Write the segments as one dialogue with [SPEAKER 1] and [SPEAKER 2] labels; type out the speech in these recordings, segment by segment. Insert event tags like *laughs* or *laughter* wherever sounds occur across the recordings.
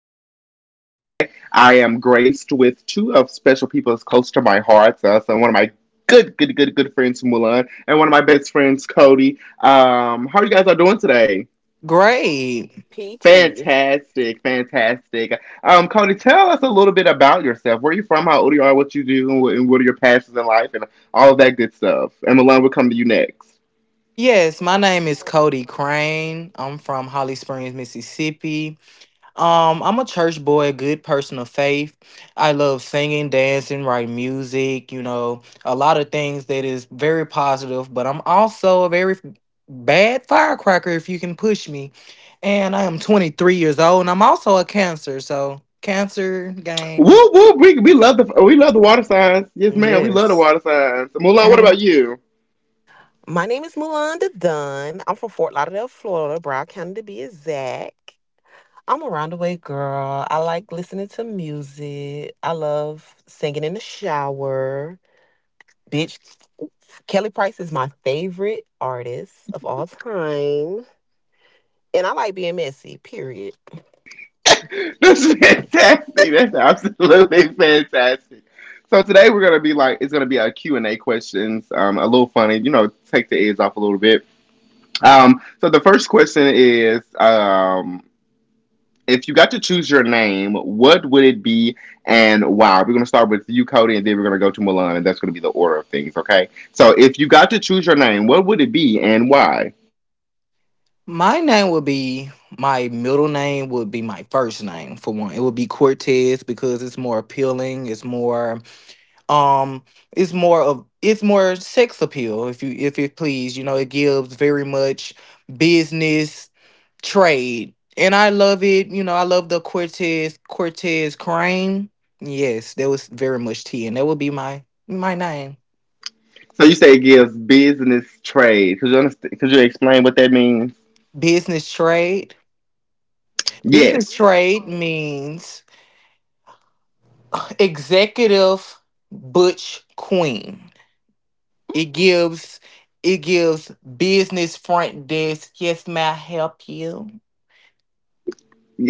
[SPEAKER 1] morning's podcast. Today, I am graced with two of special people as close to my heart. So one of my good friends, Mulan, and one of my best friends, Cody. How you guys are doing today?
[SPEAKER 2] Great.
[SPEAKER 3] Peachy.
[SPEAKER 1] Fantastic, fantastic. Cody, tell us a little bit about yourself. Where are you from? How old you are? What you do? And what are your passions in life? And all of that good stuff. And Mulan will come to you next.
[SPEAKER 2] Yes, my name is Cody Crane. I'm from Holly Springs, Mississippi. I'm a church boy, good person of faith. I love singing, dancing, writing music, you know, a lot of things that is very positive, but I'm also a very bad firecracker if you can push me. And I am 23 years old, and I'm also a cancer, so cancer gang.
[SPEAKER 1] Whoop whoop! We love the water signs. Yes, ma'am. We love the
[SPEAKER 2] Yes.
[SPEAKER 1] water signs. Mulan, what about
[SPEAKER 2] *laughs*
[SPEAKER 1] you?
[SPEAKER 3] My name is Mulanda Dunn. I'm from Fort Lauderdale, Florida, Broward County to be exact. I'm a roundaway girl. I like listening to music. I love singing in the shower. Bitch, Kelly Price is my favorite artist of all time. And I like being messy, period.
[SPEAKER 1] *laughs* That's fantastic. That's absolutely fantastic. So today we're gonna be like it's gonna be a Q&A questions. A little funny. You know, take the edge off a little bit. So the first question is, if you got to choose your name, what would it be and why? We're gonna start with you, Cody, and then we're gonna go to Milan, and that's gonna be the order of things. Okay. So if you got to choose your name, what would it be and why?
[SPEAKER 2] My name would be my middle name would be my first name for one. It would be Cortez because it's more appealing. Um it's more of it's more sex appeal if you if it please. You know, it gives very much business trade. And I love it, you know, I love the Cortez Crane. Yes, that was very much T, and that would be my name.
[SPEAKER 1] So you say it gives business trade. Could you understand? Could you explain what that means?
[SPEAKER 2] Business trade.
[SPEAKER 1] Yes.
[SPEAKER 2] Business trade means executive Butch Queen. It gives it gives business front desk. Yes, may I help you?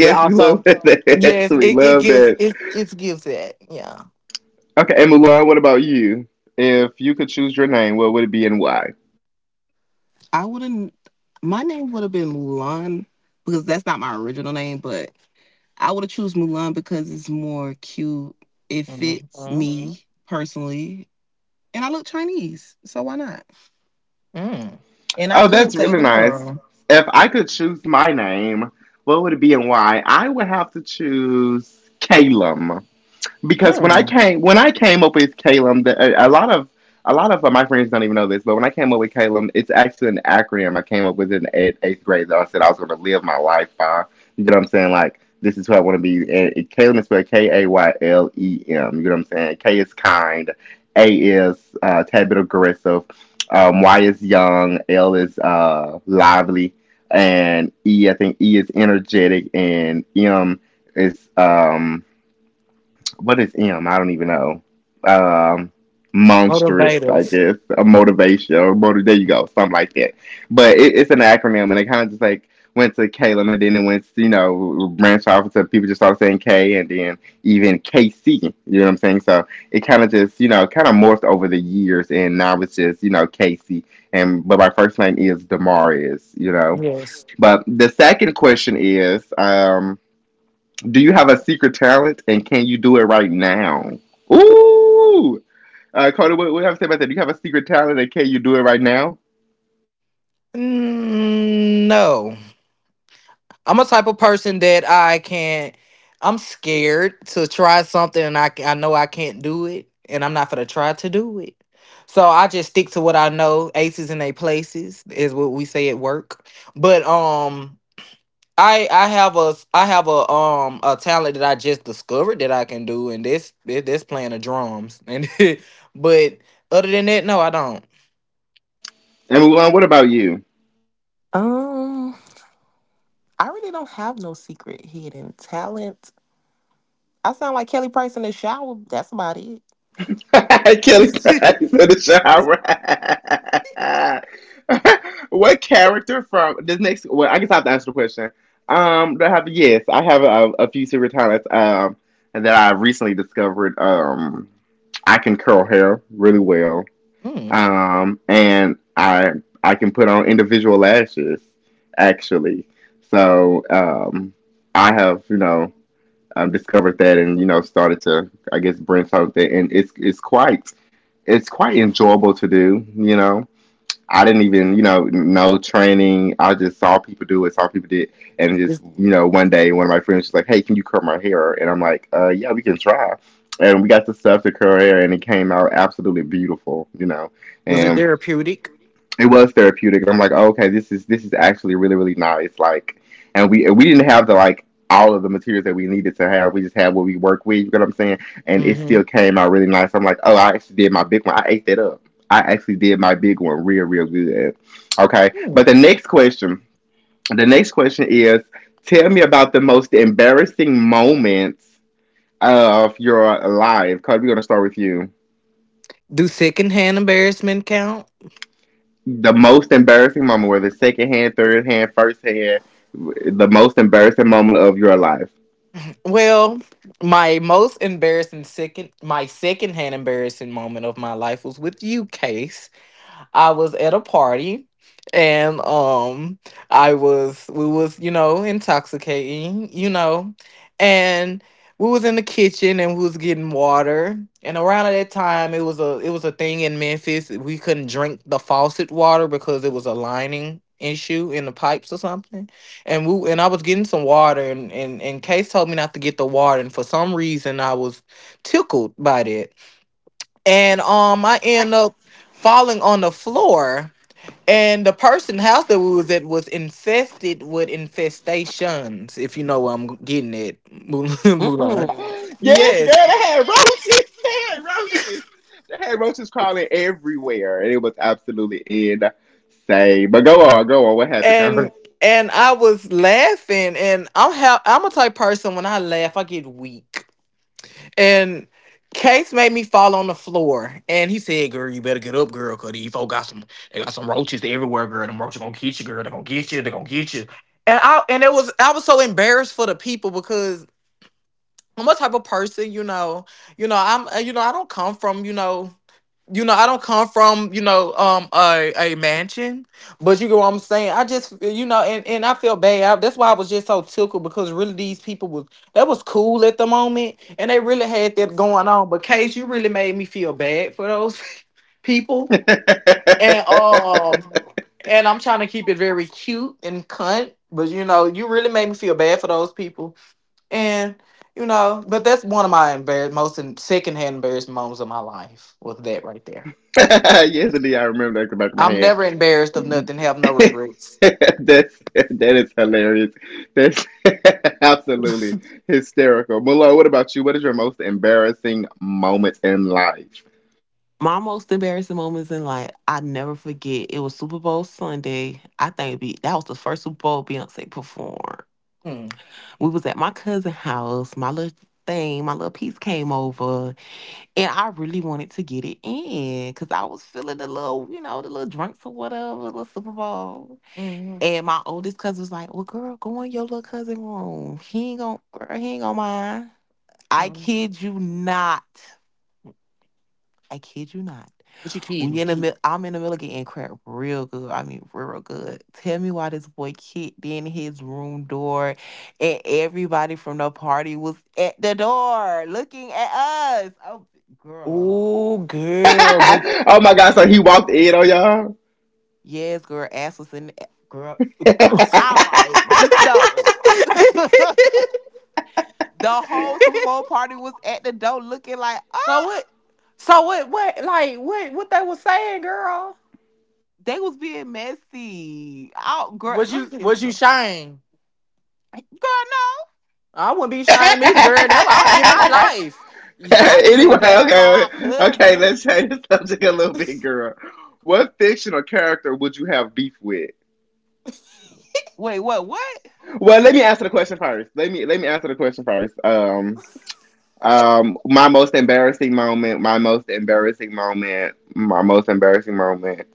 [SPEAKER 2] But
[SPEAKER 1] we love
[SPEAKER 2] also,
[SPEAKER 1] that. *laughs*
[SPEAKER 2] yes,
[SPEAKER 1] We
[SPEAKER 2] it, it
[SPEAKER 1] love
[SPEAKER 2] gives
[SPEAKER 1] that.
[SPEAKER 2] it it gives that. Yeah.
[SPEAKER 1] Okay, and Mulan, what about you? If you could choose your name, what would it be and why?
[SPEAKER 3] I wouldn't, my name would have been Mulan because that's not my original name, but I would have choose Mulan because it's more cute. It fits
[SPEAKER 2] Mm-hmm.
[SPEAKER 3] me personally. And I look Chinese, so why not?
[SPEAKER 2] Mm.
[SPEAKER 3] And I
[SPEAKER 1] Oh, that's
[SPEAKER 3] could save
[SPEAKER 1] really
[SPEAKER 3] the
[SPEAKER 1] nice.
[SPEAKER 3] world.
[SPEAKER 1] If I could choose my name, what would it be and why? I would have to choose Calum. Because when I
[SPEAKER 2] Mm.
[SPEAKER 1] came when I came up with Calum, a lot of my friends don't even know this, but when I came up with Calum, it's actually an acronym. I came up with it in eighth grade. That I said I was going to live my life by. You get what I'm saying? Like this is who I want to be. And Calum is spelled Kaylem. You get what I'm saying? K is kind. A is tad bit aggressive. Y is young. L is lively. And E, I think E is energetic. And M is what is M? I don't even know. Um, Monstrous, I
[SPEAKER 2] Motivative.
[SPEAKER 1] guess, a motivation or motive. There you go, something like that. But it's an acronym, and it kind of just like went to Caleb, and then it went, branched off into people just started saying K, and then even KC. You know what I'm saying? So it kind of just, kind of morphed over the years, and now it's just, KC. And but my first name is Demarius.
[SPEAKER 2] Yes.
[SPEAKER 1] But the second question is, do you have a secret talent and can you do it right now? Ooh! Cody, what do you have to say about that? Do you have a secret talent and can you do it right now?
[SPEAKER 2] Mm, no. I'm a type of person that I can't. I'm scared to try something, and I know I can't do it, and I'm not gonna try to do it. So I just stick to what I know. Aces in their places is what we say at work. But I have a I have a talent that I just discovered that I can do, and this, playing the drums. And *laughs* but other than that, no, I don't.
[SPEAKER 1] And Mulan, what about you?
[SPEAKER 3] Um, I really don't have no secret hidden talent. I sound like Kelly Price in the shower. That's about it.
[SPEAKER 1] *laughs* Kelly Price in the shower. *laughs* What character from this next? Well, I guess I have to answer the question. Do I have? Yes, I have a few secret talents. That I recently discovered. I can curl hair really well.
[SPEAKER 2] Mm.
[SPEAKER 1] And I can put on individual lashes actually. So I have discovered that and started to I guess brainstorm that, and it's quite enjoyable to do. I didn't even, know training. I just saw people do it, saw people did, it. And
[SPEAKER 2] Is-
[SPEAKER 1] just, one day one of my friends was like, "Hey, can you curl my hair?" And I'm like, yeah, we can try." And we got the stuff to curl hair, and it came out absolutely beautiful.
[SPEAKER 2] Was it
[SPEAKER 1] And
[SPEAKER 2] therapeutic?
[SPEAKER 1] it was therapeutic, and I'm like, oh, "Okay, this is actually really really nice." Like, and we didn't have the like all of the materials that we needed to have. We just had what we work with. You know what I'm saying? And it
[SPEAKER 2] Mm-hmm.
[SPEAKER 1] still came out really nice. I'm like, "Oh, I actually did my big one. I ate that up." I actually did my big one real, real good. Okay. But the
[SPEAKER 2] Mm.
[SPEAKER 1] next question, the next question is tell me about the most embarrassing moments of your life. Cause we're gonna start with you.
[SPEAKER 2] Do secondhand embarrassment count?
[SPEAKER 1] The most embarrassing moment, whether it's second hand, third hand, first hand, the most embarrassing moment of your life.
[SPEAKER 2] Well, my most embarrassing second my secondhand embarrassing moment of my life was with you, Case. I was at a party and I was we was, you know, intoxicating, you know. And we was in the kitchen, and we was getting water. And around that time it was a thing in Memphis. We couldn't drink the faucet water because it was a lining issue in the pipes or something. And I was getting some water, and Case told me not to get the water, and for some reason I was tickled by that, and I
[SPEAKER 3] Right.
[SPEAKER 2] end up falling on the floor, and the person house that we was at was infested with infestations, if you know where I'm getting it, Mul- *laughs* Mulan.
[SPEAKER 3] Mm-mm.
[SPEAKER 1] Yes, girl,
[SPEAKER 2] Yes,
[SPEAKER 1] they had roaches. *laughs* They had roaches. They had roaches crawling everywhere. And it was absolutely insane. But go on, go on. What happened, Cody?
[SPEAKER 2] and and I was laughing, and I'm how I'm a type person when I laugh, I get weak. And Case made me fall on the floor, and he said, "Girl, you better get up, girl, cause these folk got some, they got some roaches everywhere, girl. Them roaches gonna get you, girl. They gonna get you. They gonna get you." And it was I was so embarrassed for the people, because I'm a type of person, you know I'm you know I don't come from you know, I don't come from, you know, a mansion, but you get what I'm saying. I just you know, and, I feel bad. I- that's why I was just so tickled, because really these people was that was cool at the moment, and they really had that going on. But Case, you really made me feel bad for those *laughs*
[SPEAKER 1] *laughs*
[SPEAKER 2] people.
[SPEAKER 1] Yes,
[SPEAKER 2] And um and I'm trying to keep it very cute and cunt, but you know, you really made me feel bad for those people. And you know, but that's one of my embarrass most and secondhand embarrassing moments of my life was that right there.
[SPEAKER 1] indeed, I remember that at the back of
[SPEAKER 2] I'm
[SPEAKER 1] my
[SPEAKER 2] never embarrassed of nothing. Have no
[SPEAKER 1] head.
[SPEAKER 2] regrets.
[SPEAKER 1] *laughs* That's that is hilarious. That's *laughs* absolutely hysterical. Malora, what about you? What is your most embarrassing moment in life?
[SPEAKER 3] My most embarrassing moments in life, I never forget. It was Super Bowl Sunday. I think it'd be, that was the first Super Bowl Beyonce performed.
[SPEAKER 2] Mm.
[SPEAKER 3] We was at my cousin's house. My little thing, my little piece came over. And I really wanted to get it in because I was feeling the little, the little drinks or whatever, little Super Bowl.
[SPEAKER 2] Hmm.
[SPEAKER 3] And my oldest cousin was like, "Well, girl, go in your little cousin room. He ain't gonna, girl, he ain't gonna mind." I
[SPEAKER 2] Mm.
[SPEAKER 3] kid you not. I kid you not.
[SPEAKER 2] What you
[SPEAKER 3] When you're
[SPEAKER 2] kidding?
[SPEAKER 3] in the middle, I'm in the middle of getting crap real good. I mean, real good. Tell me why this boy kicked in his room door and everybody from the party was at the door looking at us. Oh, girl.
[SPEAKER 2] Oh, girl. What?
[SPEAKER 1] *laughs* Oh my god, so he walked in on y'all?
[SPEAKER 3] Yes, girl, ass was in the girl.
[SPEAKER 1] *laughs*
[SPEAKER 3] All right, just know *laughs*
[SPEAKER 2] *laughs*
[SPEAKER 3] the whole Super Bowl party was at the door looking like
[SPEAKER 2] So
[SPEAKER 3] oh,
[SPEAKER 2] what? So what? What? Like what? What they was saying, girl?
[SPEAKER 3] they was being messy. Oh girl,
[SPEAKER 2] Was
[SPEAKER 3] let me
[SPEAKER 2] you?
[SPEAKER 3] tell you
[SPEAKER 2] Was you
[SPEAKER 3] something.
[SPEAKER 2] shame?
[SPEAKER 3] Girl, no.
[SPEAKER 2] I wouldn't be shamed either, girl. That I'll get my life.
[SPEAKER 3] I
[SPEAKER 2] *laughs*
[SPEAKER 3] was
[SPEAKER 1] Anyway,
[SPEAKER 3] embarrassed by my
[SPEAKER 1] okay, okay,
[SPEAKER 3] cousin.
[SPEAKER 1] let's change the subject a little bit, girl. What fictional character would you have beef with?
[SPEAKER 3] Wait, what?
[SPEAKER 1] Well, let me answer the question first. Let me answer the question first. My most embarrassing moment. My most embarrassing moment. My most embarrassing moment.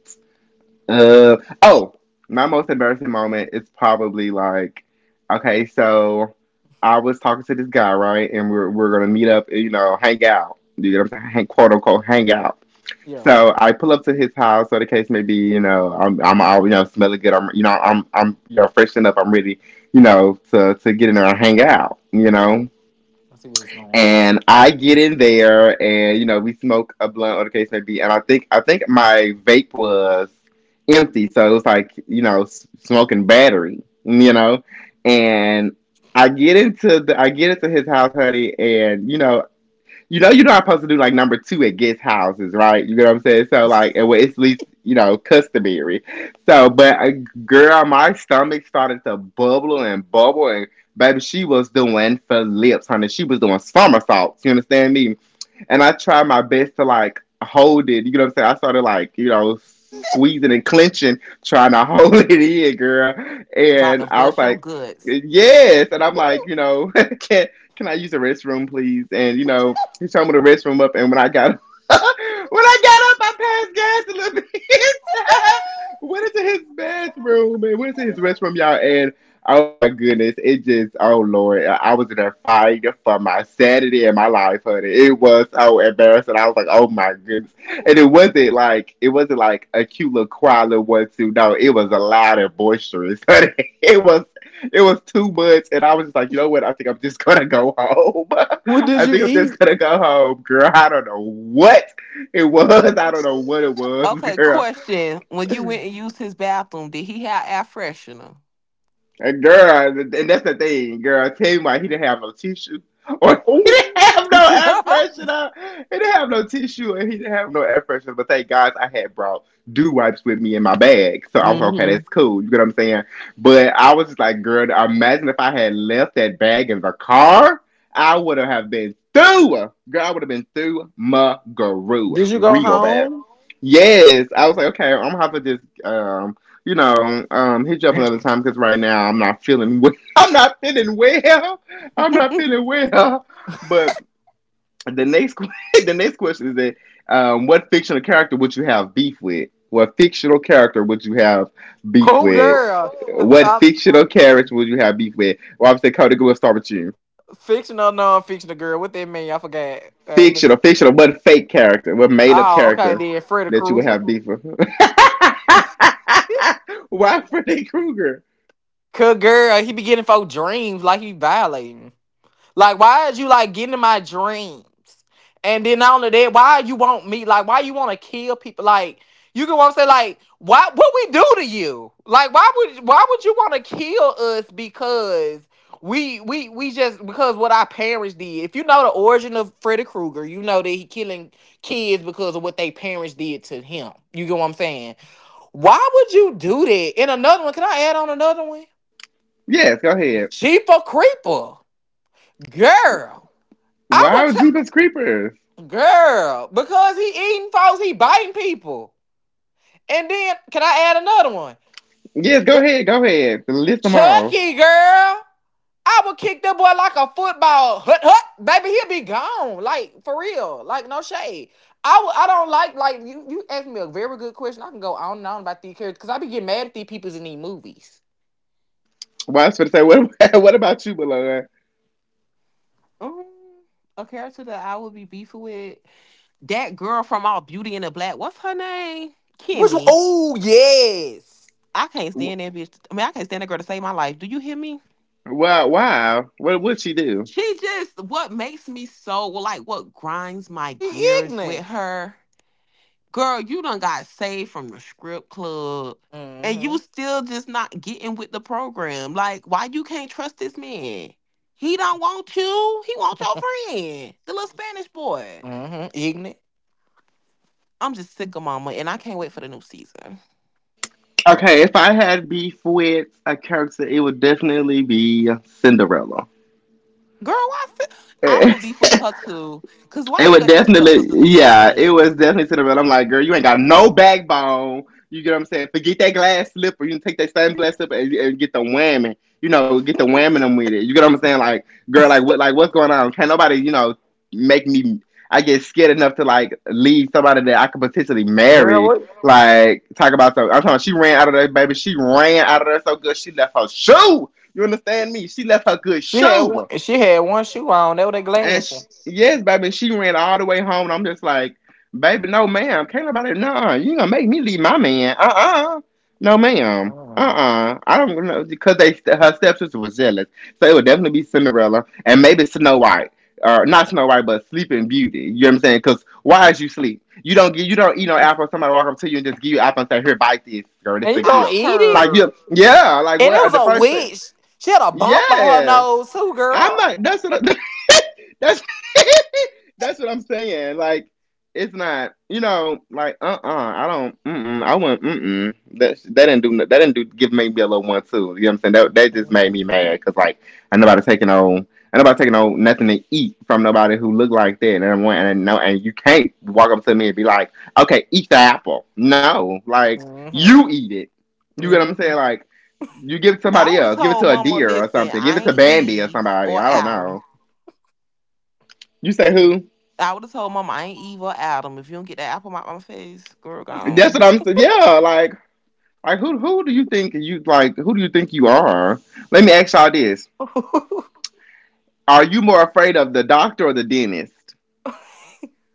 [SPEAKER 1] Oh, my most embarrassing moment is probably like, okay, so I was talking to this guy, right, and we're gonna meet up, you know, hang out. You know what I'm saying? Hang, quote unquote, hang out.
[SPEAKER 2] Yeah.
[SPEAKER 1] So I pull up to his house, or the case may be, you know, I'm all you know, smelling good. I'm you know, I'm you know, freshened up. I'm ready, you know, to get in there and hang out, you
[SPEAKER 2] Oh,
[SPEAKER 1] know.
[SPEAKER 2] I see what it's going.
[SPEAKER 1] And I get in there, and you know, we smoke a blunt, or the case may be. And I think my vape was empty, so it was like you know, smoking battery, you know. And I get into his house, honey, and you know you're not supposed to do like number two at guest houses, right? You know what I'm saying? So like, and well, it's at least customary. So, but girl, my stomach started to bubble and bubble, and baby, she was doing flips, honey. She was doing somersaults. You understand me? And I try my best to like hold it. You know what I'm saying? I started like, you know, squeezing and clenching, trying to *laughs* hold it in, girl.
[SPEAKER 3] About
[SPEAKER 1] And
[SPEAKER 3] to
[SPEAKER 1] I was
[SPEAKER 3] bust your
[SPEAKER 1] like,
[SPEAKER 3] guts.
[SPEAKER 1] yes. And I'm like, you know, *laughs* can can I use the restroom, please? And you know, he showed me the restroom up. And when I got *laughs* when I got up, I passed gas a little bit. *laughs* Went into his bathroom and went into his restroom, y'all. And my goodness, it just oh lord, I was in a fight for my sanity and my life, honey. It was so embarrassing. I was like, oh my goodness, and it wasn't like a cute little cry little one two. No, it was a loud and boisterous. Honey. *laughs* It was it was too much, and I was just like, you know what? I think I'm just gonna go home.
[SPEAKER 2] What
[SPEAKER 1] *laughs* I
[SPEAKER 2] did you
[SPEAKER 1] think I'm just
[SPEAKER 2] eat?
[SPEAKER 1] gonna go home, girl. I don't know what it was. I don't know what it was, *laughs*
[SPEAKER 3] Okay,
[SPEAKER 1] girl.
[SPEAKER 3] question. When you went and used his bathroom, did he have air freshener?
[SPEAKER 1] And girl, and that's the thing, girl. I tell you why he didn't have no tissue, or *laughs* he didn't
[SPEAKER 2] Oh.
[SPEAKER 1] have no air
[SPEAKER 3] *laughs*
[SPEAKER 1] freshener. He didn't have no tissue, and he didn't have no air freshener. But thank God I had brought dew wipes with me in my bag, so I was like, okay.
[SPEAKER 2] Hmm.
[SPEAKER 1] That's cool. You get what I'm saying? But I was just like, girl, imagine if I had left that bag in the car, I would have been through. Girl, I would have been through my guru
[SPEAKER 2] Did you go
[SPEAKER 1] real bad.
[SPEAKER 2] home?
[SPEAKER 1] Yes, I was like, okay, I'm gonna have to just hit you up another
[SPEAKER 2] *laughs*
[SPEAKER 1] time because right now I'm not feeling well. *laughs* I'm not feeling well. I'm not feeling well. But the next *laughs* the next question is that what fictional character would you have beef with? What fictional character would you have beef
[SPEAKER 2] Oh,
[SPEAKER 1] with?
[SPEAKER 2] girl.
[SPEAKER 1] What
[SPEAKER 2] I'm
[SPEAKER 1] fictional character would you have beef with? Well, obviously, Cody, we'll start with you.
[SPEAKER 2] fictional, non-fictional girl. What that mean? I forgot. I mean,
[SPEAKER 1] What fake character, what made up
[SPEAKER 2] oh, okay.
[SPEAKER 1] character
[SPEAKER 2] Then Freddy
[SPEAKER 1] that you would
[SPEAKER 2] Krueger.
[SPEAKER 1] have beef with? *laughs*
[SPEAKER 2] *laughs*
[SPEAKER 1] Why Freddy Krueger?
[SPEAKER 2] Cause girl, he be getting folk dreams like he violating. Like, why is you like getting in my dreams? And then not only that, why you want me? Like, why you want to kill people? Like, you can want to say like, why? What we do to you? Like, why would you want to kill us? Because we just because what our parents did. If you know the origin of Freddy Krueger, you know that he killing kids because of what they parents did to him. You get what I'm saying? Why would you do that? And another one, can I add on another one?
[SPEAKER 1] Yes, go ahead.
[SPEAKER 2] Sheep creeper, girl. I would
[SPEAKER 1] Wow,
[SPEAKER 2] tell.
[SPEAKER 1] Jeepers Creepers.
[SPEAKER 2] Girl, because he eating folks, he biting people. And then, can I add another one?
[SPEAKER 1] Yes, go
[SPEAKER 2] Gir-
[SPEAKER 1] ahead, go ahead. List them all.
[SPEAKER 2] Chucky, girl. I would kick that boy like a football. Hut, hut. Baby, he'll be gone. Like, for real. Like, no shade. I, would- I don't like, you asked me a very good question. I can go on and on about these characters, because I be getting mad at these people in these movies.
[SPEAKER 1] Well, I was going to say, what, *laughs* what about you, Malone?
[SPEAKER 3] Mm, a character that I would be beefing with, that girl from All Beauty and the Black, what's her name?
[SPEAKER 2] Which one?
[SPEAKER 3] Kimmy.
[SPEAKER 2] Oh, yes.
[SPEAKER 3] I can't stand that bitch. I mean, I can't stand that girl to save my life. Do you hear me?
[SPEAKER 1] Wow, wow. What would she do?
[SPEAKER 3] She just, what makes me so, well, like what grinds my
[SPEAKER 2] She
[SPEAKER 3] gears with
[SPEAKER 2] ignorant.
[SPEAKER 3] her. Girl, you done got saved from the script club. And you
[SPEAKER 2] Mm-hmm.
[SPEAKER 3] still just not getting with the program. Like, why you can't trust this man? He don't want you. He want your friend. The little Spanish boy.
[SPEAKER 2] Mm-hmm. Ignorant.
[SPEAKER 3] I'm just sick of mama and I can't wait for the new season.
[SPEAKER 1] Okay, if I had beef with a character, it would definitely be Cinderella.
[SPEAKER 3] Girl, why? Fi- I would beef with her
[SPEAKER 1] *laughs*
[SPEAKER 3] too. Cause why
[SPEAKER 1] It
[SPEAKER 3] you
[SPEAKER 1] would
[SPEAKER 3] let your
[SPEAKER 1] definitely,
[SPEAKER 3] stepsister do you like
[SPEAKER 1] yeah, it
[SPEAKER 3] that?
[SPEAKER 1] was definitely to the middle. I'm like, girl, you ain't got no backbone. You get what I'm saying? Forget that glass slipper. You can take that same glass slipper and get the whamming. Get the whamming them with
[SPEAKER 3] *laughs*
[SPEAKER 1] it. You get what I'm saying? Like, girl, like what's going on? Can't nobody, make me. I get scared enough to like leave somebody that I could potentially
[SPEAKER 2] Girl,
[SPEAKER 1] marry
[SPEAKER 2] what?
[SPEAKER 1] like, talk about something. I'm talking about she ran out of that baby. She ran out of there so good she left her shoe. You understand me? She left her good
[SPEAKER 2] She had one,
[SPEAKER 1] shoe.
[SPEAKER 2] she had one shoe on. They were their
[SPEAKER 1] And she,
[SPEAKER 2] glasses.
[SPEAKER 1] yes, baby, she ran all the way home. And I'm just like, baby, no, ma'am. Can't nobody. No, you gonna make me leave my man. Uh. No, ma'am.
[SPEAKER 2] Mm.
[SPEAKER 1] Uh. I don't know. Because they her stepsister was jealous. So it would definitely be Cinderella and maybe Snow White. Or not Snow White, but Sleeping Beauty. You know what I'm saying? Because why is you sleep? You don't eat no apple. Somebody walk up to you and just give you an apple and say, "Here, bite this, girl. This is
[SPEAKER 2] And
[SPEAKER 1] a
[SPEAKER 2] you gonna
[SPEAKER 3] I
[SPEAKER 1] gift."
[SPEAKER 2] eat it?
[SPEAKER 1] Like
[SPEAKER 3] heard.
[SPEAKER 1] you, yeah, like
[SPEAKER 2] And it
[SPEAKER 1] what?
[SPEAKER 2] was
[SPEAKER 1] The
[SPEAKER 2] a
[SPEAKER 1] first thing,
[SPEAKER 2] witch. She had a bump on her
[SPEAKER 1] yeah.
[SPEAKER 2] nose too,
[SPEAKER 1] I'm
[SPEAKER 2] girl.
[SPEAKER 1] not. That's what. *laughs* That's *laughs* that's what I'm saying. Like, it's not. I don't. I wouldn't. That didn't do. No- That didn't do. Give make me a little one too. You know what I'm saying? That just
[SPEAKER 2] Hmm.
[SPEAKER 1] made me mad because like, I nobody taking on. I nobody taking on nothing to eat from nobody who look like that. And I'm like, and no, and you can't walk up to me and be like, okay, eat the apple. No, like
[SPEAKER 2] Hmm.
[SPEAKER 1] you eat it. You get what I'm
[SPEAKER 2] Hmm.
[SPEAKER 1] saying? Like. You give it to
[SPEAKER 3] I
[SPEAKER 1] somebody
[SPEAKER 3] would have
[SPEAKER 1] else. Give it
[SPEAKER 3] told
[SPEAKER 1] to a
[SPEAKER 3] Mama,
[SPEAKER 1] deer or
[SPEAKER 3] listen,
[SPEAKER 1] something. Give
[SPEAKER 3] I
[SPEAKER 1] it to
[SPEAKER 3] ain't
[SPEAKER 1] Bambi or
[SPEAKER 3] Eve
[SPEAKER 1] somebody.
[SPEAKER 3] or
[SPEAKER 1] I don't
[SPEAKER 3] Adam.
[SPEAKER 1] know. You say who?
[SPEAKER 3] I would have told Mama, I ain't Eve or Adam. If you don't get that apple out my face, girl,
[SPEAKER 1] That's what
[SPEAKER 3] gone.
[SPEAKER 1] I'm saying. Yeah, like like who do you think you like who do you think you are? Let me ask y'all this.
[SPEAKER 2] *laughs*
[SPEAKER 1] Are you more afraid of the doctor or the dentist?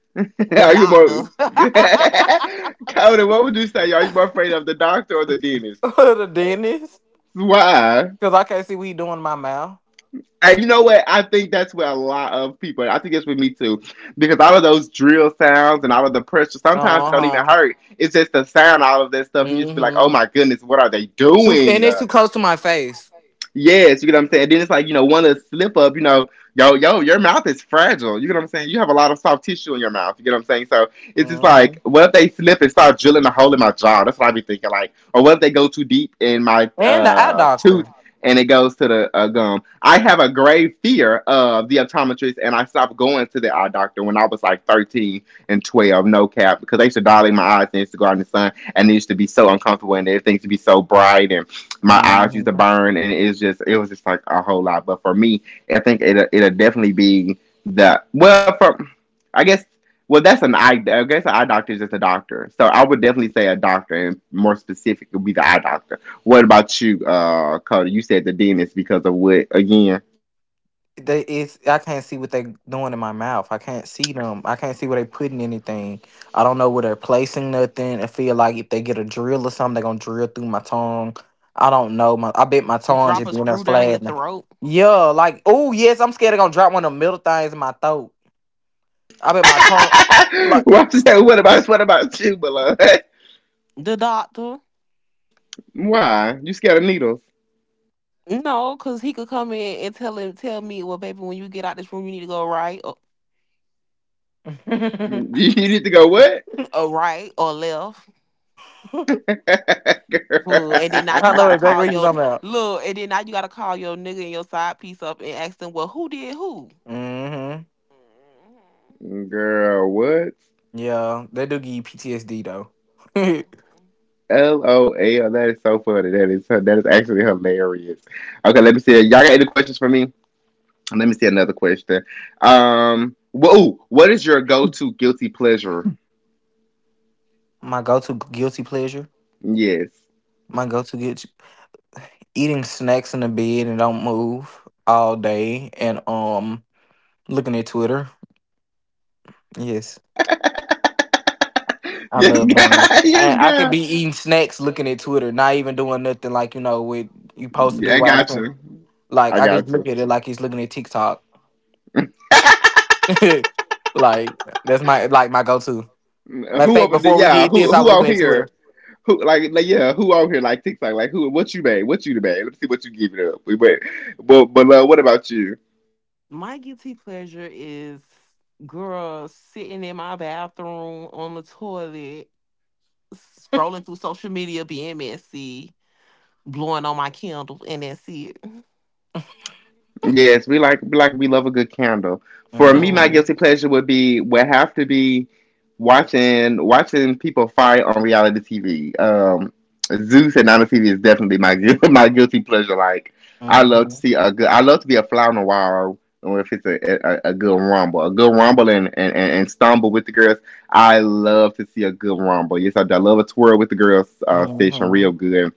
[SPEAKER 1] *laughs*
[SPEAKER 3] The
[SPEAKER 1] are you more
[SPEAKER 3] doctor.
[SPEAKER 1] *laughs* Conan, what would you say? Are you more afraid of the doctor or the dentist?
[SPEAKER 2] The dentist.
[SPEAKER 1] Why?
[SPEAKER 2] Cause I can't see what he doing in my mouth.
[SPEAKER 1] And you know what? I think that's where a lot of people, I think it's with me too, because all of those drill sounds and all of the pressure, sometimes it don't even
[SPEAKER 2] Uh-huh.
[SPEAKER 1] hurt. It's just the sound, all of that stuff. And you just be like, oh
[SPEAKER 2] Hmm.
[SPEAKER 1] my goodness, what are they
[SPEAKER 2] Too,
[SPEAKER 1] doing?
[SPEAKER 2] and it's too close to my face.
[SPEAKER 1] Yes, you get what I'm saying. Then it's like, one of the slip up, your mouth is fragile. You get what I'm saying? You have a lot of soft tissue in your mouth. You get what I'm saying? So it's just like,
[SPEAKER 2] Hmm.
[SPEAKER 1] what if they slip and start drilling a hole in my jaw? That's what I be thinking. Like, or what if they go too deep in my
[SPEAKER 2] And the eye
[SPEAKER 1] tooth
[SPEAKER 2] doctor.
[SPEAKER 1] and it goes to the gum? I have a grave fear of the optometrist, and I stopped going to the eye doctor when I was like 13 and 12, no cap, because they used to dilate my eyes and used to go out in the sun, and it used to be so uncomfortable, and everything used to be so bright and my eyes used to
[SPEAKER 2] Mhm.
[SPEAKER 1] burn, and it's just it was just like a whole lot. But for me, I think it'll definitely be the well for I guess well that's an eye I guess an eye doctor is just a doctor. So I would definitely say a doctor, and more specific would be the eye doctor. What about you, Cody? You said the dentist because of what again?
[SPEAKER 2] They it's I can't see what they doing in my mouth. I can't see them. I can't see where they putting anything. I don't know where they're placing nothing. I feel like if they get a drill or something, they're gonna drill through my tongue. I don't know. My I bet my
[SPEAKER 3] *laughs*
[SPEAKER 2] tongue
[SPEAKER 3] Drop
[SPEAKER 2] just
[SPEAKER 3] a
[SPEAKER 2] being there
[SPEAKER 3] screw down your
[SPEAKER 2] flabbing.
[SPEAKER 3] throat.
[SPEAKER 2] Yeah, like oh yes, I'm scared they're gonna drop one of the middle things in my throat. I bet my tongue
[SPEAKER 1] *laughs*
[SPEAKER 2] like
[SPEAKER 1] What about you, beloved?
[SPEAKER 3] The doctor.
[SPEAKER 1] *laughs* Why you scared of needles?
[SPEAKER 3] No, cause he could come in and tell him, tell me, well, baby, when you get out this room, you need to go right,
[SPEAKER 2] *laughs* I
[SPEAKER 1] You need to go what?
[SPEAKER 3] or right, or left.
[SPEAKER 1] *laughs* Girl,
[SPEAKER 3] Fool. And then now you
[SPEAKER 2] know
[SPEAKER 3] gotta
[SPEAKER 2] exactly
[SPEAKER 3] call
[SPEAKER 2] what you're
[SPEAKER 3] your
[SPEAKER 2] talking about.
[SPEAKER 3] and then now you gotta call your nigga and your side piece up and ask them, well, who did who?
[SPEAKER 2] Mm-hmm.
[SPEAKER 3] Mhm.
[SPEAKER 1] *laughs* Girl, what?
[SPEAKER 2] Yeah, they do give you PTSD though. *laughs*
[SPEAKER 3] Mhm.
[SPEAKER 1] LOL. That is so funny. That is actually hilarious. Okay, let me see. Y'all got any questions for me? Let me see another question. Whoa, what is your go-to guilty pleasure?
[SPEAKER 2] My go-to guilty pleasure.
[SPEAKER 1] Yes. *laughs*
[SPEAKER 2] My go-to guilty. Eating snacks in the bed and don't move all day, and looking at Twitter. Yes. I
[SPEAKER 1] Yes,
[SPEAKER 2] love doing it.
[SPEAKER 1] God. Yes,
[SPEAKER 2] And I could
[SPEAKER 1] God.
[SPEAKER 2] be eating snacks looking at Twitter, not even doing nothing like you know what you supposed to
[SPEAKER 1] Yeah,
[SPEAKER 2] do
[SPEAKER 1] I
[SPEAKER 2] while
[SPEAKER 1] got
[SPEAKER 2] looking
[SPEAKER 1] you.
[SPEAKER 2] like
[SPEAKER 1] I
[SPEAKER 2] I could
[SPEAKER 1] got you.
[SPEAKER 2] look at it like he's looking at TikTok. *laughs* Like that's my like my go to. Matter of
[SPEAKER 1] Who
[SPEAKER 2] fact,
[SPEAKER 1] over there?
[SPEAKER 2] before we
[SPEAKER 1] Yeah,
[SPEAKER 2] did
[SPEAKER 1] who
[SPEAKER 2] this, I
[SPEAKER 1] who
[SPEAKER 2] was looking
[SPEAKER 1] out
[SPEAKER 2] at Twitter.
[SPEAKER 1] here? Who like yeah? Who out here like TikTok? Like who? What you made? What you made? Let me see what you give it up. We wait, but what about you?
[SPEAKER 3] My guilty pleasure is, girl, sitting in my bathroom on the toilet, scrolling through social media, being messy, blowing on my candle, and that's it.
[SPEAKER 1] Yes, we like we love a good candle. For me, my
[SPEAKER 3] Hmm.
[SPEAKER 2] Mm-hmm.
[SPEAKER 1] guilty pleasure would be would have to be watching people fight on reality TV. Zeus and Nana TV is definitely my *laughs* my guilty pleasure. Like I love to
[SPEAKER 2] Mm-hmm.
[SPEAKER 1] see a good I love to be a fly on the wall or if it's a good rumble, a good rumble and stumble with the girls. I love to see a good rumble. Yes, I, do. I love a twirl with the girls station
[SPEAKER 2] Mm-hmm.
[SPEAKER 1] real good.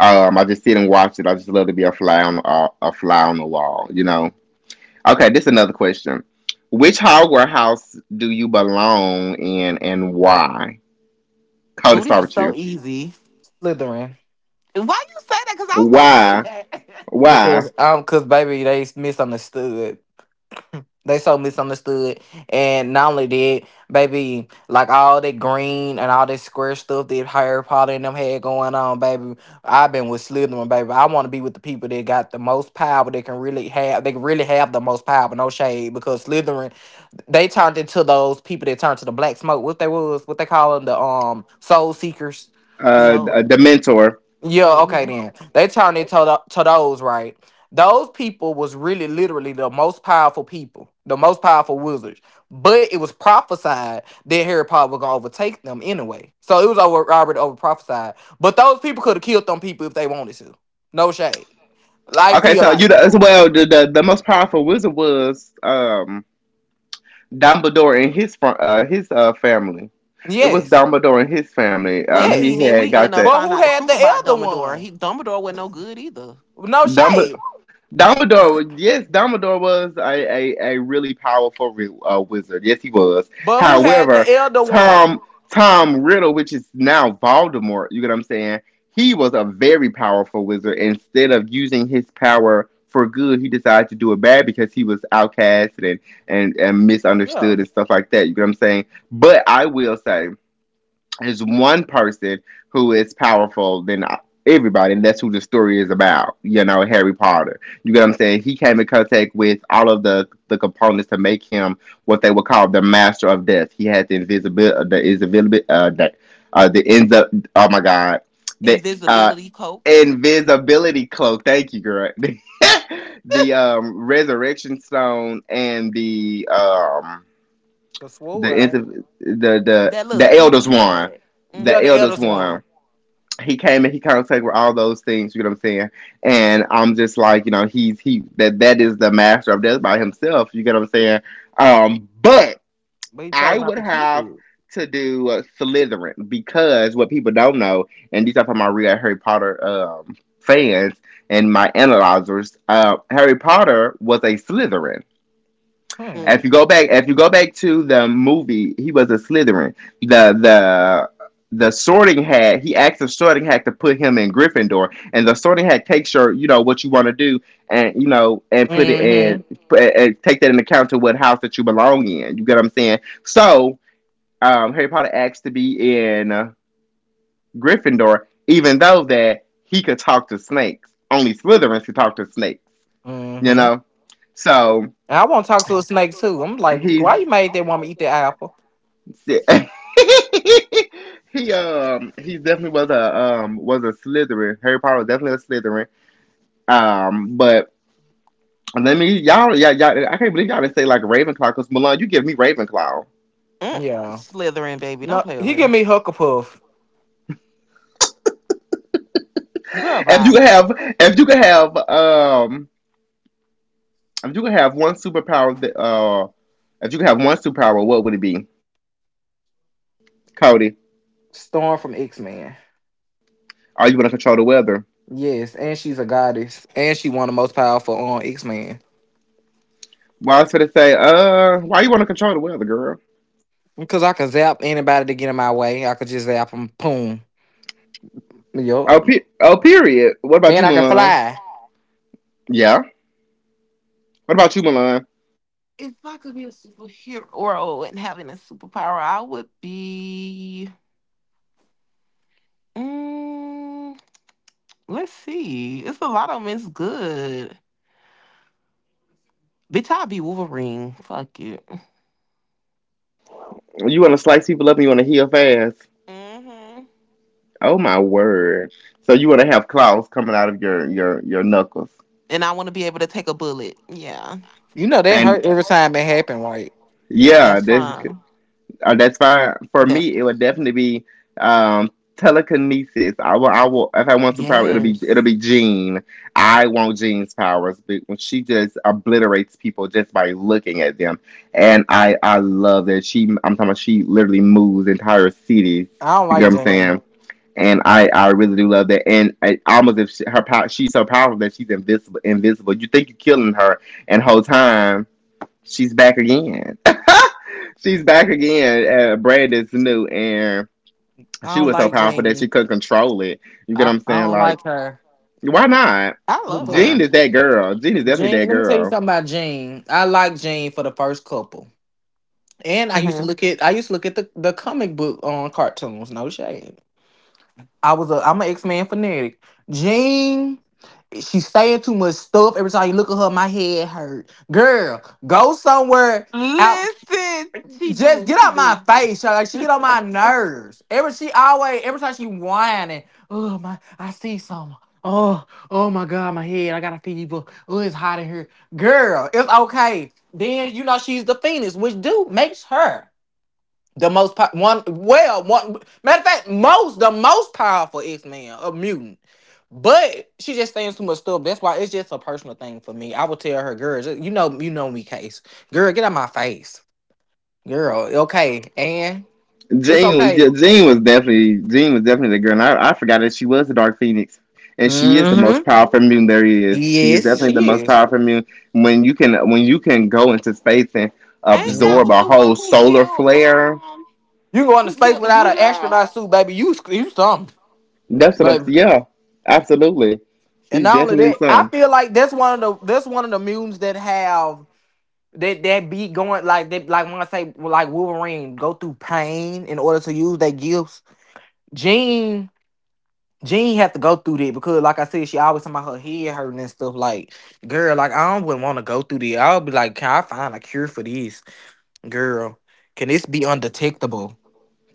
[SPEAKER 1] I just sit and watch it. I just love to be a fly on a fly on the wall, you know. Okay, this is another question. Which Hogwarts house do you belong in, and why? Cody,
[SPEAKER 3] Oh,
[SPEAKER 1] start
[SPEAKER 3] this is
[SPEAKER 1] with
[SPEAKER 3] so
[SPEAKER 1] you.
[SPEAKER 3] easy.
[SPEAKER 2] Slytherin.
[SPEAKER 3] Why you say that? Because I was gonna say
[SPEAKER 1] Why?
[SPEAKER 3] that.
[SPEAKER 1] Why?
[SPEAKER 2] Because cause baby, they misunderstood. *laughs* They so misunderstood. And not only that, baby, like all that green and all that square stuff that Harry Potter and them had going on, baby. I've been with Slytherin, baby. I want to be with the people that got the most power. They can really have. They can really have the most power. No shade, because Slytherin, they turned into those people that turned to the black smoke. What they was, what they call them, the soul seekers.
[SPEAKER 3] *laughs* No.
[SPEAKER 1] The mentor.
[SPEAKER 2] Yeah, okay
[SPEAKER 3] Hmm.
[SPEAKER 2] then. They turned it to, the, to those, right? Those people was really literally the most powerful people, the most powerful wizards. But it was prophesied that Harry Potter was gonna overtake them anyway. So it was over already over prophesied. But those people could have killed them people if they wanted to. No shade. Like
[SPEAKER 1] Okay,
[SPEAKER 2] feel
[SPEAKER 1] so you
[SPEAKER 2] like.
[SPEAKER 1] as well. The most powerful wizard was Dumbledore and his his family. It was
[SPEAKER 2] Yes.
[SPEAKER 1] Dumbledore and his family.
[SPEAKER 3] But see,
[SPEAKER 1] He
[SPEAKER 2] Yes.
[SPEAKER 3] then
[SPEAKER 1] had
[SPEAKER 3] we end
[SPEAKER 1] got
[SPEAKER 3] up
[SPEAKER 1] that.
[SPEAKER 2] But who
[SPEAKER 3] finding out the
[SPEAKER 2] had
[SPEAKER 3] truth
[SPEAKER 2] the
[SPEAKER 3] about
[SPEAKER 2] elder
[SPEAKER 3] Dumbledore.
[SPEAKER 2] one?
[SPEAKER 3] He Dumbledore wasn't no good either.
[SPEAKER 2] No
[SPEAKER 1] Dumb-
[SPEAKER 2] shade.
[SPEAKER 1] Dumbledore, yes, Dumbledore was a really powerful wizard. Yes, he was.
[SPEAKER 2] But who had
[SPEAKER 1] However,
[SPEAKER 2] the elder one?
[SPEAKER 1] Tom Tom Riddle, which is now Voldemort, you get what I'm saying? He was a very powerful wizard. Instead of using his power for good, he decided to do it bad because he was outcast and
[SPEAKER 2] Yeah.
[SPEAKER 1] misunderstood and stuff like that. You get what I'm saying? But I will say. Is one person who is powerful than everybody, and that's who the story is about. You know, Harry Potter. You get what I'm saying? He came in contact with all of the components to make him what they would call the master of death. He had the invisibility, the invisibility, the ends up. Oh my God, the
[SPEAKER 3] Invisibility coat,
[SPEAKER 1] invisibility cloak. Thank you, girl. *laughs* the resurrection stone and the um
[SPEAKER 2] The
[SPEAKER 1] the
[SPEAKER 2] sword, ain't it?
[SPEAKER 1] inter- the the
[SPEAKER 3] that little
[SPEAKER 1] the
[SPEAKER 3] stick
[SPEAKER 1] elders
[SPEAKER 3] he
[SPEAKER 1] one,
[SPEAKER 3] had. Mm,
[SPEAKER 2] Yeah,
[SPEAKER 1] the
[SPEAKER 2] the
[SPEAKER 1] elders
[SPEAKER 2] eldest
[SPEAKER 1] one.
[SPEAKER 2] one.
[SPEAKER 1] He came and he contact with all those things. You know what I'm saying? And I'm just like, you know, he's he that that is the master of death by himself. You get what I'm saying? But
[SPEAKER 2] But he
[SPEAKER 1] I
[SPEAKER 2] chose not
[SPEAKER 1] would
[SPEAKER 2] to keep
[SPEAKER 1] have
[SPEAKER 2] it.
[SPEAKER 1] to do Slytherin because what people don't know, and these are from my real Harry Potter fans and my analyzers. Harry Potter was a Slytherin
[SPEAKER 2] Hmm.
[SPEAKER 3] mm,
[SPEAKER 1] if you go back to the movie, he was a Slytherin. The the the Sorting Hat. He asked the Sorting Hat to put him in Gryffindor, and the Sorting Hat takes your, you know, what you want to do, and you know, and put it in,
[SPEAKER 2] Mm-hmm.
[SPEAKER 1] put, and take that into account to what house that you belong in. You get what I'm saying? So Harry Potter asked to be in Gryffindor, even though that he could talk to snakes. Only Slytherins could talk to snakes. You
[SPEAKER 2] Mm-hmm.
[SPEAKER 1] know, so.
[SPEAKER 2] I want to talk to a snake too. I'm like,
[SPEAKER 1] He's
[SPEAKER 2] why you made that woman eat that apple?
[SPEAKER 1] *laughs* he definitely was a Slytherin. Harry Potter was definitely a Slytherin. But let me y'all, I can't believe y'all didn't say like Ravenclaw because Milan, you give me Ravenclaw.
[SPEAKER 3] mm-mm.
[SPEAKER 2] Yeah.
[SPEAKER 3] Slithering, baby, don't
[SPEAKER 2] No,
[SPEAKER 3] play with
[SPEAKER 2] he
[SPEAKER 3] me,
[SPEAKER 2] give me Hucklepuff.
[SPEAKER 3] girl.
[SPEAKER 1] If you
[SPEAKER 3] Bye.
[SPEAKER 1] could have if you could have if you could have one superpower that if you could have one superpower, what would it be, Cody?
[SPEAKER 2] Storm from X Men.
[SPEAKER 1] Are you gonna control the weather?
[SPEAKER 2] Yes, and she's a goddess, and she one of the most powerful on X Men.
[SPEAKER 1] Well, I was gonna say, why you wanna control the weather, girl?
[SPEAKER 2] Because I can zap anybody to get in my way. I could just zap them, boom. Yup.
[SPEAKER 1] Oh, oh, period. What about you,
[SPEAKER 2] And I can
[SPEAKER 1] Milan?
[SPEAKER 2] fly.
[SPEAKER 1] Yeah. What about you, Milan?
[SPEAKER 3] If I could be a superhero and having a superpower, I would be. Mm, let's see. It's a lot of them. It's good. Bitch, I'll be Wolverine. Fuck it.
[SPEAKER 1] You want to slice people up and you want to heal fast?
[SPEAKER 3] Hmm.
[SPEAKER 1] Oh my word! So you want to have claws coming out of your your knuckles?
[SPEAKER 3] And I want to be able to take a bullet. Yeah,
[SPEAKER 2] You know that
[SPEAKER 1] And
[SPEAKER 2] hurt every time it happened, right?
[SPEAKER 1] yeah,
[SPEAKER 3] that's fine.
[SPEAKER 1] that's why for
[SPEAKER 3] That's
[SPEAKER 1] me it would definitely be um telekinesis. I will if I want superpower it'll be it'll
[SPEAKER 3] Yes.
[SPEAKER 1] be Jean. I want Jean's powers but when she just obliterates people just by looking at them. And I love that she I'm talking about she literally moves entire cities.
[SPEAKER 2] I don't
[SPEAKER 1] You get
[SPEAKER 2] like
[SPEAKER 1] what I'm
[SPEAKER 2] Jean.
[SPEAKER 1] saying? And I really do love that. And I, almost if she, her power, she's so powerful that she's invisible. Invisible. You think you're killing her, and whole time she's back again. *laughs* she's back again at a bread that's new and she
[SPEAKER 2] I don't
[SPEAKER 1] was so
[SPEAKER 2] like
[SPEAKER 1] powerful that she
[SPEAKER 2] Jean.
[SPEAKER 1] couldn't control it. You get what
[SPEAKER 2] I,
[SPEAKER 1] I'm
[SPEAKER 2] I
[SPEAKER 1] saying?
[SPEAKER 2] don't
[SPEAKER 1] Like
[SPEAKER 2] like her.
[SPEAKER 1] why not?
[SPEAKER 3] I love
[SPEAKER 1] Jean
[SPEAKER 3] her.
[SPEAKER 1] is that girl. Jean is definitely that
[SPEAKER 2] Jane, let me tell you
[SPEAKER 1] girl.
[SPEAKER 2] something about Jane. I liked Jane for the first couple. And I used to
[SPEAKER 3] Hmm.
[SPEAKER 2] look at I used to look at the comic book on cartoons, no shade. I was a I'm an X-Man fanatic. Jane, she's saying too much stuff. Every time you look at her, my head hurt. Girl, go somewhere out.
[SPEAKER 3] Listen,
[SPEAKER 2] Just get
[SPEAKER 3] she
[SPEAKER 2] out my
[SPEAKER 3] do.
[SPEAKER 2] face, y'all. Like
[SPEAKER 3] *laughs*
[SPEAKER 2] she get on
[SPEAKER 3] Ain't
[SPEAKER 2] my nerves. Every she always, every time she whining, oh my, I see something. Oh, oh my God, my head, I got a fever. Oh, it's hot in here, girl. It's okay. Then you know she's the phoenix, which do makes her the most po- one. Well, one matter of fact, most the most powerful X Man, a mutant. But she just saying too much stuff. That's why it's just a personal thing for me. I would tell her, girl, you know me, case. Girl, get out my face. Girl, okay. And it's okay.
[SPEAKER 1] Jean was definitely the girl. And I forgot that she was the Dark Phoenix, and she is the most
[SPEAKER 2] Mm-hmm.
[SPEAKER 1] powerful mutant there is. She is
[SPEAKER 2] Yes,
[SPEAKER 1] definitely the
[SPEAKER 2] she
[SPEAKER 1] most
[SPEAKER 2] is.
[SPEAKER 1] powerful mutant. When you can go into space and
[SPEAKER 3] that
[SPEAKER 2] Mhm.
[SPEAKER 1] absorb
[SPEAKER 3] was
[SPEAKER 1] a
[SPEAKER 3] the one
[SPEAKER 1] whole
[SPEAKER 3] who
[SPEAKER 1] solar
[SPEAKER 3] killed
[SPEAKER 1] flare.
[SPEAKER 3] um,
[SPEAKER 2] You can go into
[SPEAKER 3] who
[SPEAKER 2] space
[SPEAKER 3] killed the
[SPEAKER 2] without
[SPEAKER 3] blue
[SPEAKER 2] an
[SPEAKER 3] girl?
[SPEAKER 2] astronaut suit, baby. You something,
[SPEAKER 1] That's what I'm
[SPEAKER 2] baby.
[SPEAKER 1] saying. Yeah, absolutely.
[SPEAKER 2] And
[SPEAKER 1] She's
[SPEAKER 2] not only
[SPEAKER 1] definitely
[SPEAKER 2] that, I
[SPEAKER 1] some.
[SPEAKER 2] feel like that's one of the mutants that have that that be going like that like when I say well, like Wolverine go through pain in order to use their gifts. Jean Jean had to go through that because like I said, she always talking about her head hurting and stuff like girl, like I don't wouldn't want to go through that. I'll be like, can I find a cure for this? Girl, can this be undetectable?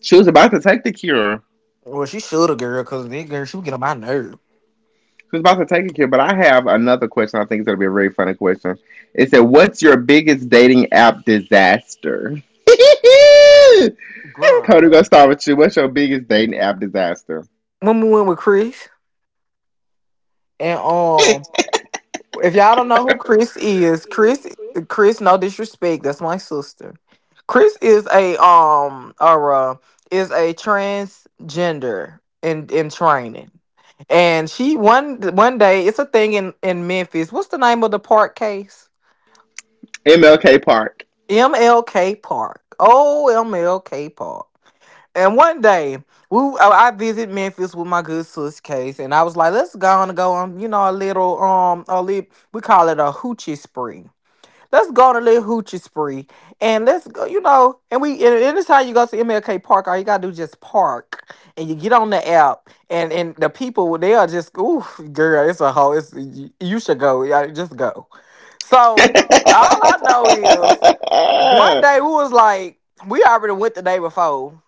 [SPEAKER 1] She was about to take the cure.
[SPEAKER 2] Well, she should have, girl, because this girl, she was getting on my nerve.
[SPEAKER 1] She was about to take the cure, but I have another question. I think it's going to be a very funny question. It said, what's your biggest dating app disaster? *laughs* Cody,
[SPEAKER 3] Girl.
[SPEAKER 1] we're going to start with you. What's your biggest dating app disaster?
[SPEAKER 2] When we went with Chris, and
[SPEAKER 1] *laughs*
[SPEAKER 2] if y'all don't know who Chris is, Chris, no disrespect, that's my sister. Chris is a or is a transgender in training, and she one day it's a thing in Memphis. What's the name of the park case?
[SPEAKER 1] MLK Park.
[SPEAKER 2] MLK Park. Oh, MLK Park. And one day, we I visit Memphis with my good sis Case, and I was like, "Let's go on, you know, a little a little, we call it a hoochie spree. Let's go on a little hoochie spree, and let's go, you know." And anytime you go to MLK Park, all you gotta do is just park, and you get on the app, and the people they are just, ooh, girl, it's a whole, it's you should go, yeah, just go.
[SPEAKER 1] *laughs*
[SPEAKER 2] So
[SPEAKER 1] yes,
[SPEAKER 2] all I know is one day we was like, we already went the day before.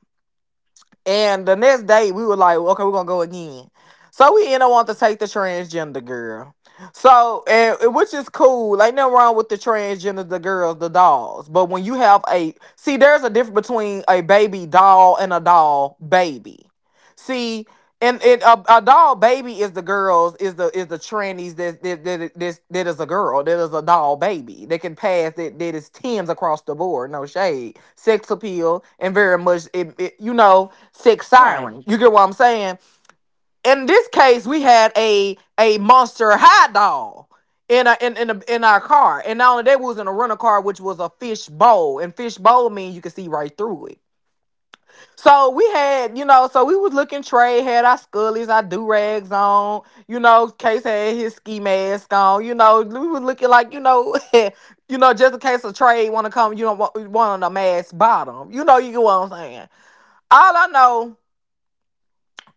[SPEAKER 2] And the next day, we were like, okay, we're gonna go again. So we ended up wanting to take the transgender girl. So, and, which is cool. Ain't nothing wrong with the transgender, the girls, the dolls. But when you have a, see, there's a difference between a baby doll and a doll baby. See, and a doll baby is the girls is the trannies that is a girl that is a doll baby that can pass that is tens across the board, no shade, sex appeal, and very much you know, sex
[SPEAKER 3] Right.
[SPEAKER 2] siren, you get what I'm saying. In this case we had a monster high doll in in our car. And not only that, we was in a rental car which was a fish bowl, and fish bowl means you can see right through it. So we had, you know, so we was looking trade, had our scullies, our do-rags on, you know, Case had his ski mask on, you know, we was looking like, you know, *laughs* you know, just in case a trade wanna come, you don't want a mask bottom. You know, you get what I'm saying. All I know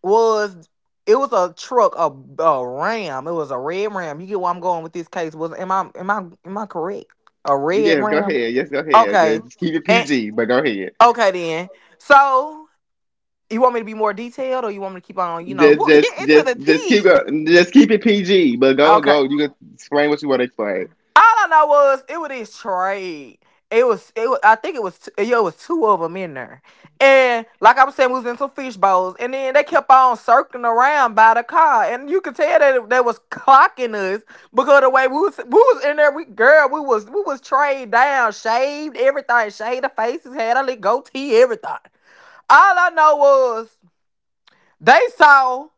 [SPEAKER 2] was it was a truck, a ram. It was a red ram. You get where I'm going with this, case. Was am I am I Am I correct? A red
[SPEAKER 1] go
[SPEAKER 2] ram?
[SPEAKER 1] ahead. Yes, go ahead.
[SPEAKER 2] Okay.
[SPEAKER 1] Just keep it
[SPEAKER 2] And
[SPEAKER 1] PG, but go ahead.
[SPEAKER 2] okay then. So you want me to be more detailed, or you want me to keep on? You
[SPEAKER 3] Wha-
[SPEAKER 2] know,
[SPEAKER 1] Just,
[SPEAKER 3] Get
[SPEAKER 1] just,
[SPEAKER 3] into the
[SPEAKER 1] just, just keep
[SPEAKER 3] tea.
[SPEAKER 1] going. Just keep it PG. But go,
[SPEAKER 2] okay.
[SPEAKER 1] go. You can explain what you want to explain. *laughs*
[SPEAKER 2] All I know was it was this trade. I think it was yeah, it was two of them in there, and like I was saying, we was in some fish bowls, and then they kept on circling around by the car, and you could tell that they was clocking us because of the way we was in there, we girl, we was trade down, shaved everything, shaved the faces, had a little goatee, everything. All I know was they saw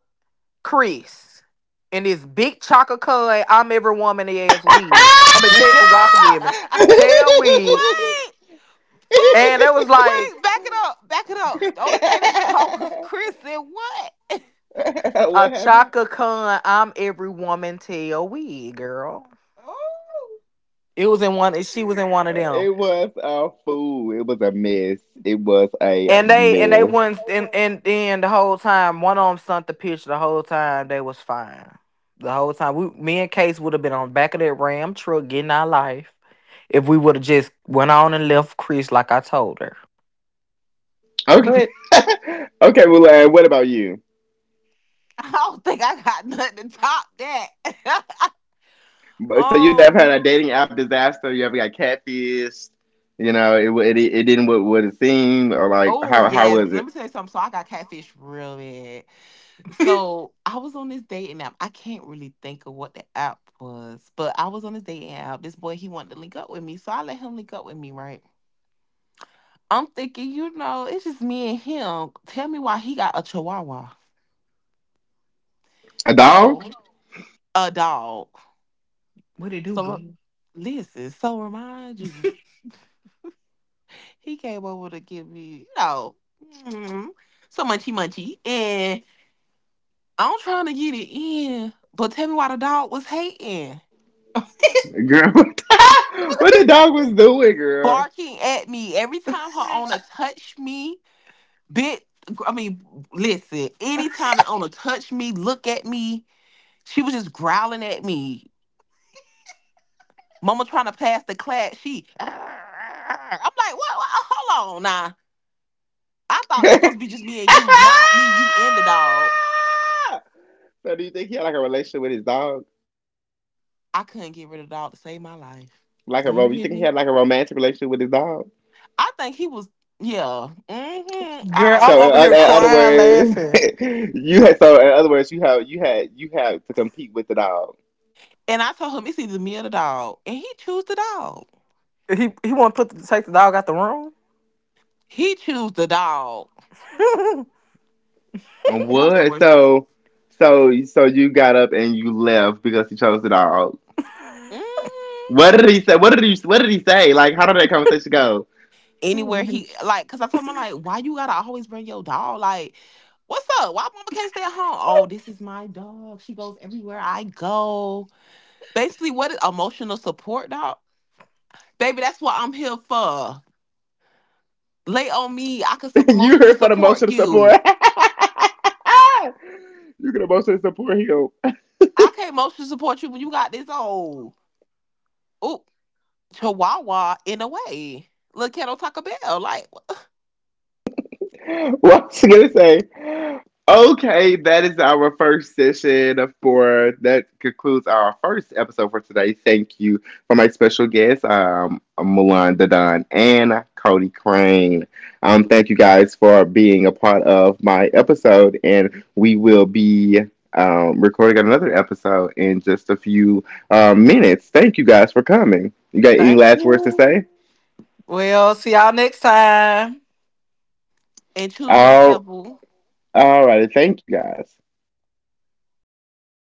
[SPEAKER 2] Chris and this big Chaka Khan, I'm every woman ass wig. I
[SPEAKER 3] *laughs*
[SPEAKER 2] mean,
[SPEAKER 3] wait,
[SPEAKER 2] tell,
[SPEAKER 3] wait,
[SPEAKER 2] God forgive me, tail wig. And it was like
[SPEAKER 3] wait, back it up, back it up. The only thing they *laughs* saw was Chris and what?
[SPEAKER 2] a
[SPEAKER 1] what happened?
[SPEAKER 2] Chaka con. I'm every woman tail wig, girl.
[SPEAKER 3] *laughs* Oh.
[SPEAKER 2] It was in one. She was in one of them.
[SPEAKER 1] It was a fool. It was a mess. It was a
[SPEAKER 2] And they
[SPEAKER 1] mess.
[SPEAKER 2] wouldn't and Then the whole time one of them sent the picture, the whole time they was fine. The whole time, we, me and Case, would have been on the back of that Ram truck getting our life if we would have just went on and left Chris like I told her.
[SPEAKER 1] Okay.
[SPEAKER 2] But
[SPEAKER 1] *laughs* okay, Mulan. What about you?
[SPEAKER 3] *laughs* I don't think I got nothing to top that. *laughs*
[SPEAKER 1] But so you never had a
[SPEAKER 3] Um.
[SPEAKER 1] dating app disaster? You ever got catfished? You know, it it didn't what it seemed or like
[SPEAKER 3] Oh
[SPEAKER 1] how
[SPEAKER 3] yes,
[SPEAKER 1] was
[SPEAKER 3] let
[SPEAKER 1] it?
[SPEAKER 3] me tell you something. So I got catfish real bad.
[SPEAKER 2] *laughs*
[SPEAKER 3] So I was on this dating app. I can't really think of what the app was, but I was on this dating app. This boy he wanted to link up with me, so I let him link up with me. Right? I'm thinking, you know, it's just me and him. Tell me why he got a chihuahua.
[SPEAKER 1] A dog?
[SPEAKER 3] So a dog.
[SPEAKER 2] what it do,
[SPEAKER 3] So
[SPEAKER 2] good?
[SPEAKER 3] listen. So remind you. He came over to give me, you know, mm, some munchy munchy. And I'm trying to get it in. But tell me why the dog was hating.
[SPEAKER 1] Girl, *laughs* what the dog was doing, girl?
[SPEAKER 3] Barking at me every time her owner touched me. Bit I mean, listen, anytime the owner touched me, look at me, she was just growling at me. Mama trying to pass the class, she "Arr, arr." I'm like, what, hold on now. I
[SPEAKER 1] *laughs*
[SPEAKER 3] thought this was
[SPEAKER 1] so
[SPEAKER 3] supposed to be just me and you, not me, you and the dog.
[SPEAKER 1] do you think he had like a relationship with his dog?
[SPEAKER 3] I couldn't get rid of the dog to save my life.
[SPEAKER 1] Like a
[SPEAKER 3] Do you
[SPEAKER 1] rom? You
[SPEAKER 3] hear
[SPEAKER 1] think he
[SPEAKER 3] me?
[SPEAKER 1] had like a romantic relationship with his dog?
[SPEAKER 3] I think he was, yeah, hmm,
[SPEAKER 2] Girl,
[SPEAKER 3] all
[SPEAKER 2] I'm
[SPEAKER 3] that.
[SPEAKER 2] over here
[SPEAKER 1] In other
[SPEAKER 2] crying,
[SPEAKER 1] words,
[SPEAKER 2] laughing.
[SPEAKER 1] *laughs* you had so in other words you had to compete with the dog.
[SPEAKER 3] And I told him it's either me or the dog, and he chose the dog.
[SPEAKER 2] He want to put the, take the dog out the room.
[SPEAKER 3] He chose the dog. That was the
[SPEAKER 1] What?
[SPEAKER 3] worst.
[SPEAKER 1] So you got up and you left because he chose the dog.
[SPEAKER 3] Hmm.
[SPEAKER 1] What did he say? What did he say? Like, how did that conversation go?
[SPEAKER 3] Anywhere he like, cause I told him, I'm like, why you gotta always bring your dog? Like, what's up? Why mama can't stay at home? Oh, this
[SPEAKER 2] *laughs*
[SPEAKER 3] is my dog. She goes everywhere I go. Basically, what is emotional support, dog? Baby, that's what I'm here for. Lay on me. I can
[SPEAKER 1] *laughs* you
[SPEAKER 3] emotionally
[SPEAKER 1] here for the
[SPEAKER 3] support
[SPEAKER 1] emotional support?
[SPEAKER 3] you.
[SPEAKER 1] *laughs* you can emotionally support him.
[SPEAKER 3] I can't emotionally support you when you got this old oop chihuahua in a way. Little Kettle Taco Bell. Like
[SPEAKER 1] *laughs* What's she gonna say? Okay, that is our first session for that concludes our first episode for today. Thank you for my special guests, Milan Dadon and Cody Crane. Thank you guys for being a part of my episode, and we will be recording another episode in just a few minutes. Thank you guys for coming. You got any
[SPEAKER 2] Thank
[SPEAKER 1] last words to
[SPEAKER 2] you.
[SPEAKER 1] say?
[SPEAKER 2] Well, see y'all next time.
[SPEAKER 3] and choose yourself,
[SPEAKER 1] All,
[SPEAKER 3] boo.
[SPEAKER 1] all right, thank you guys.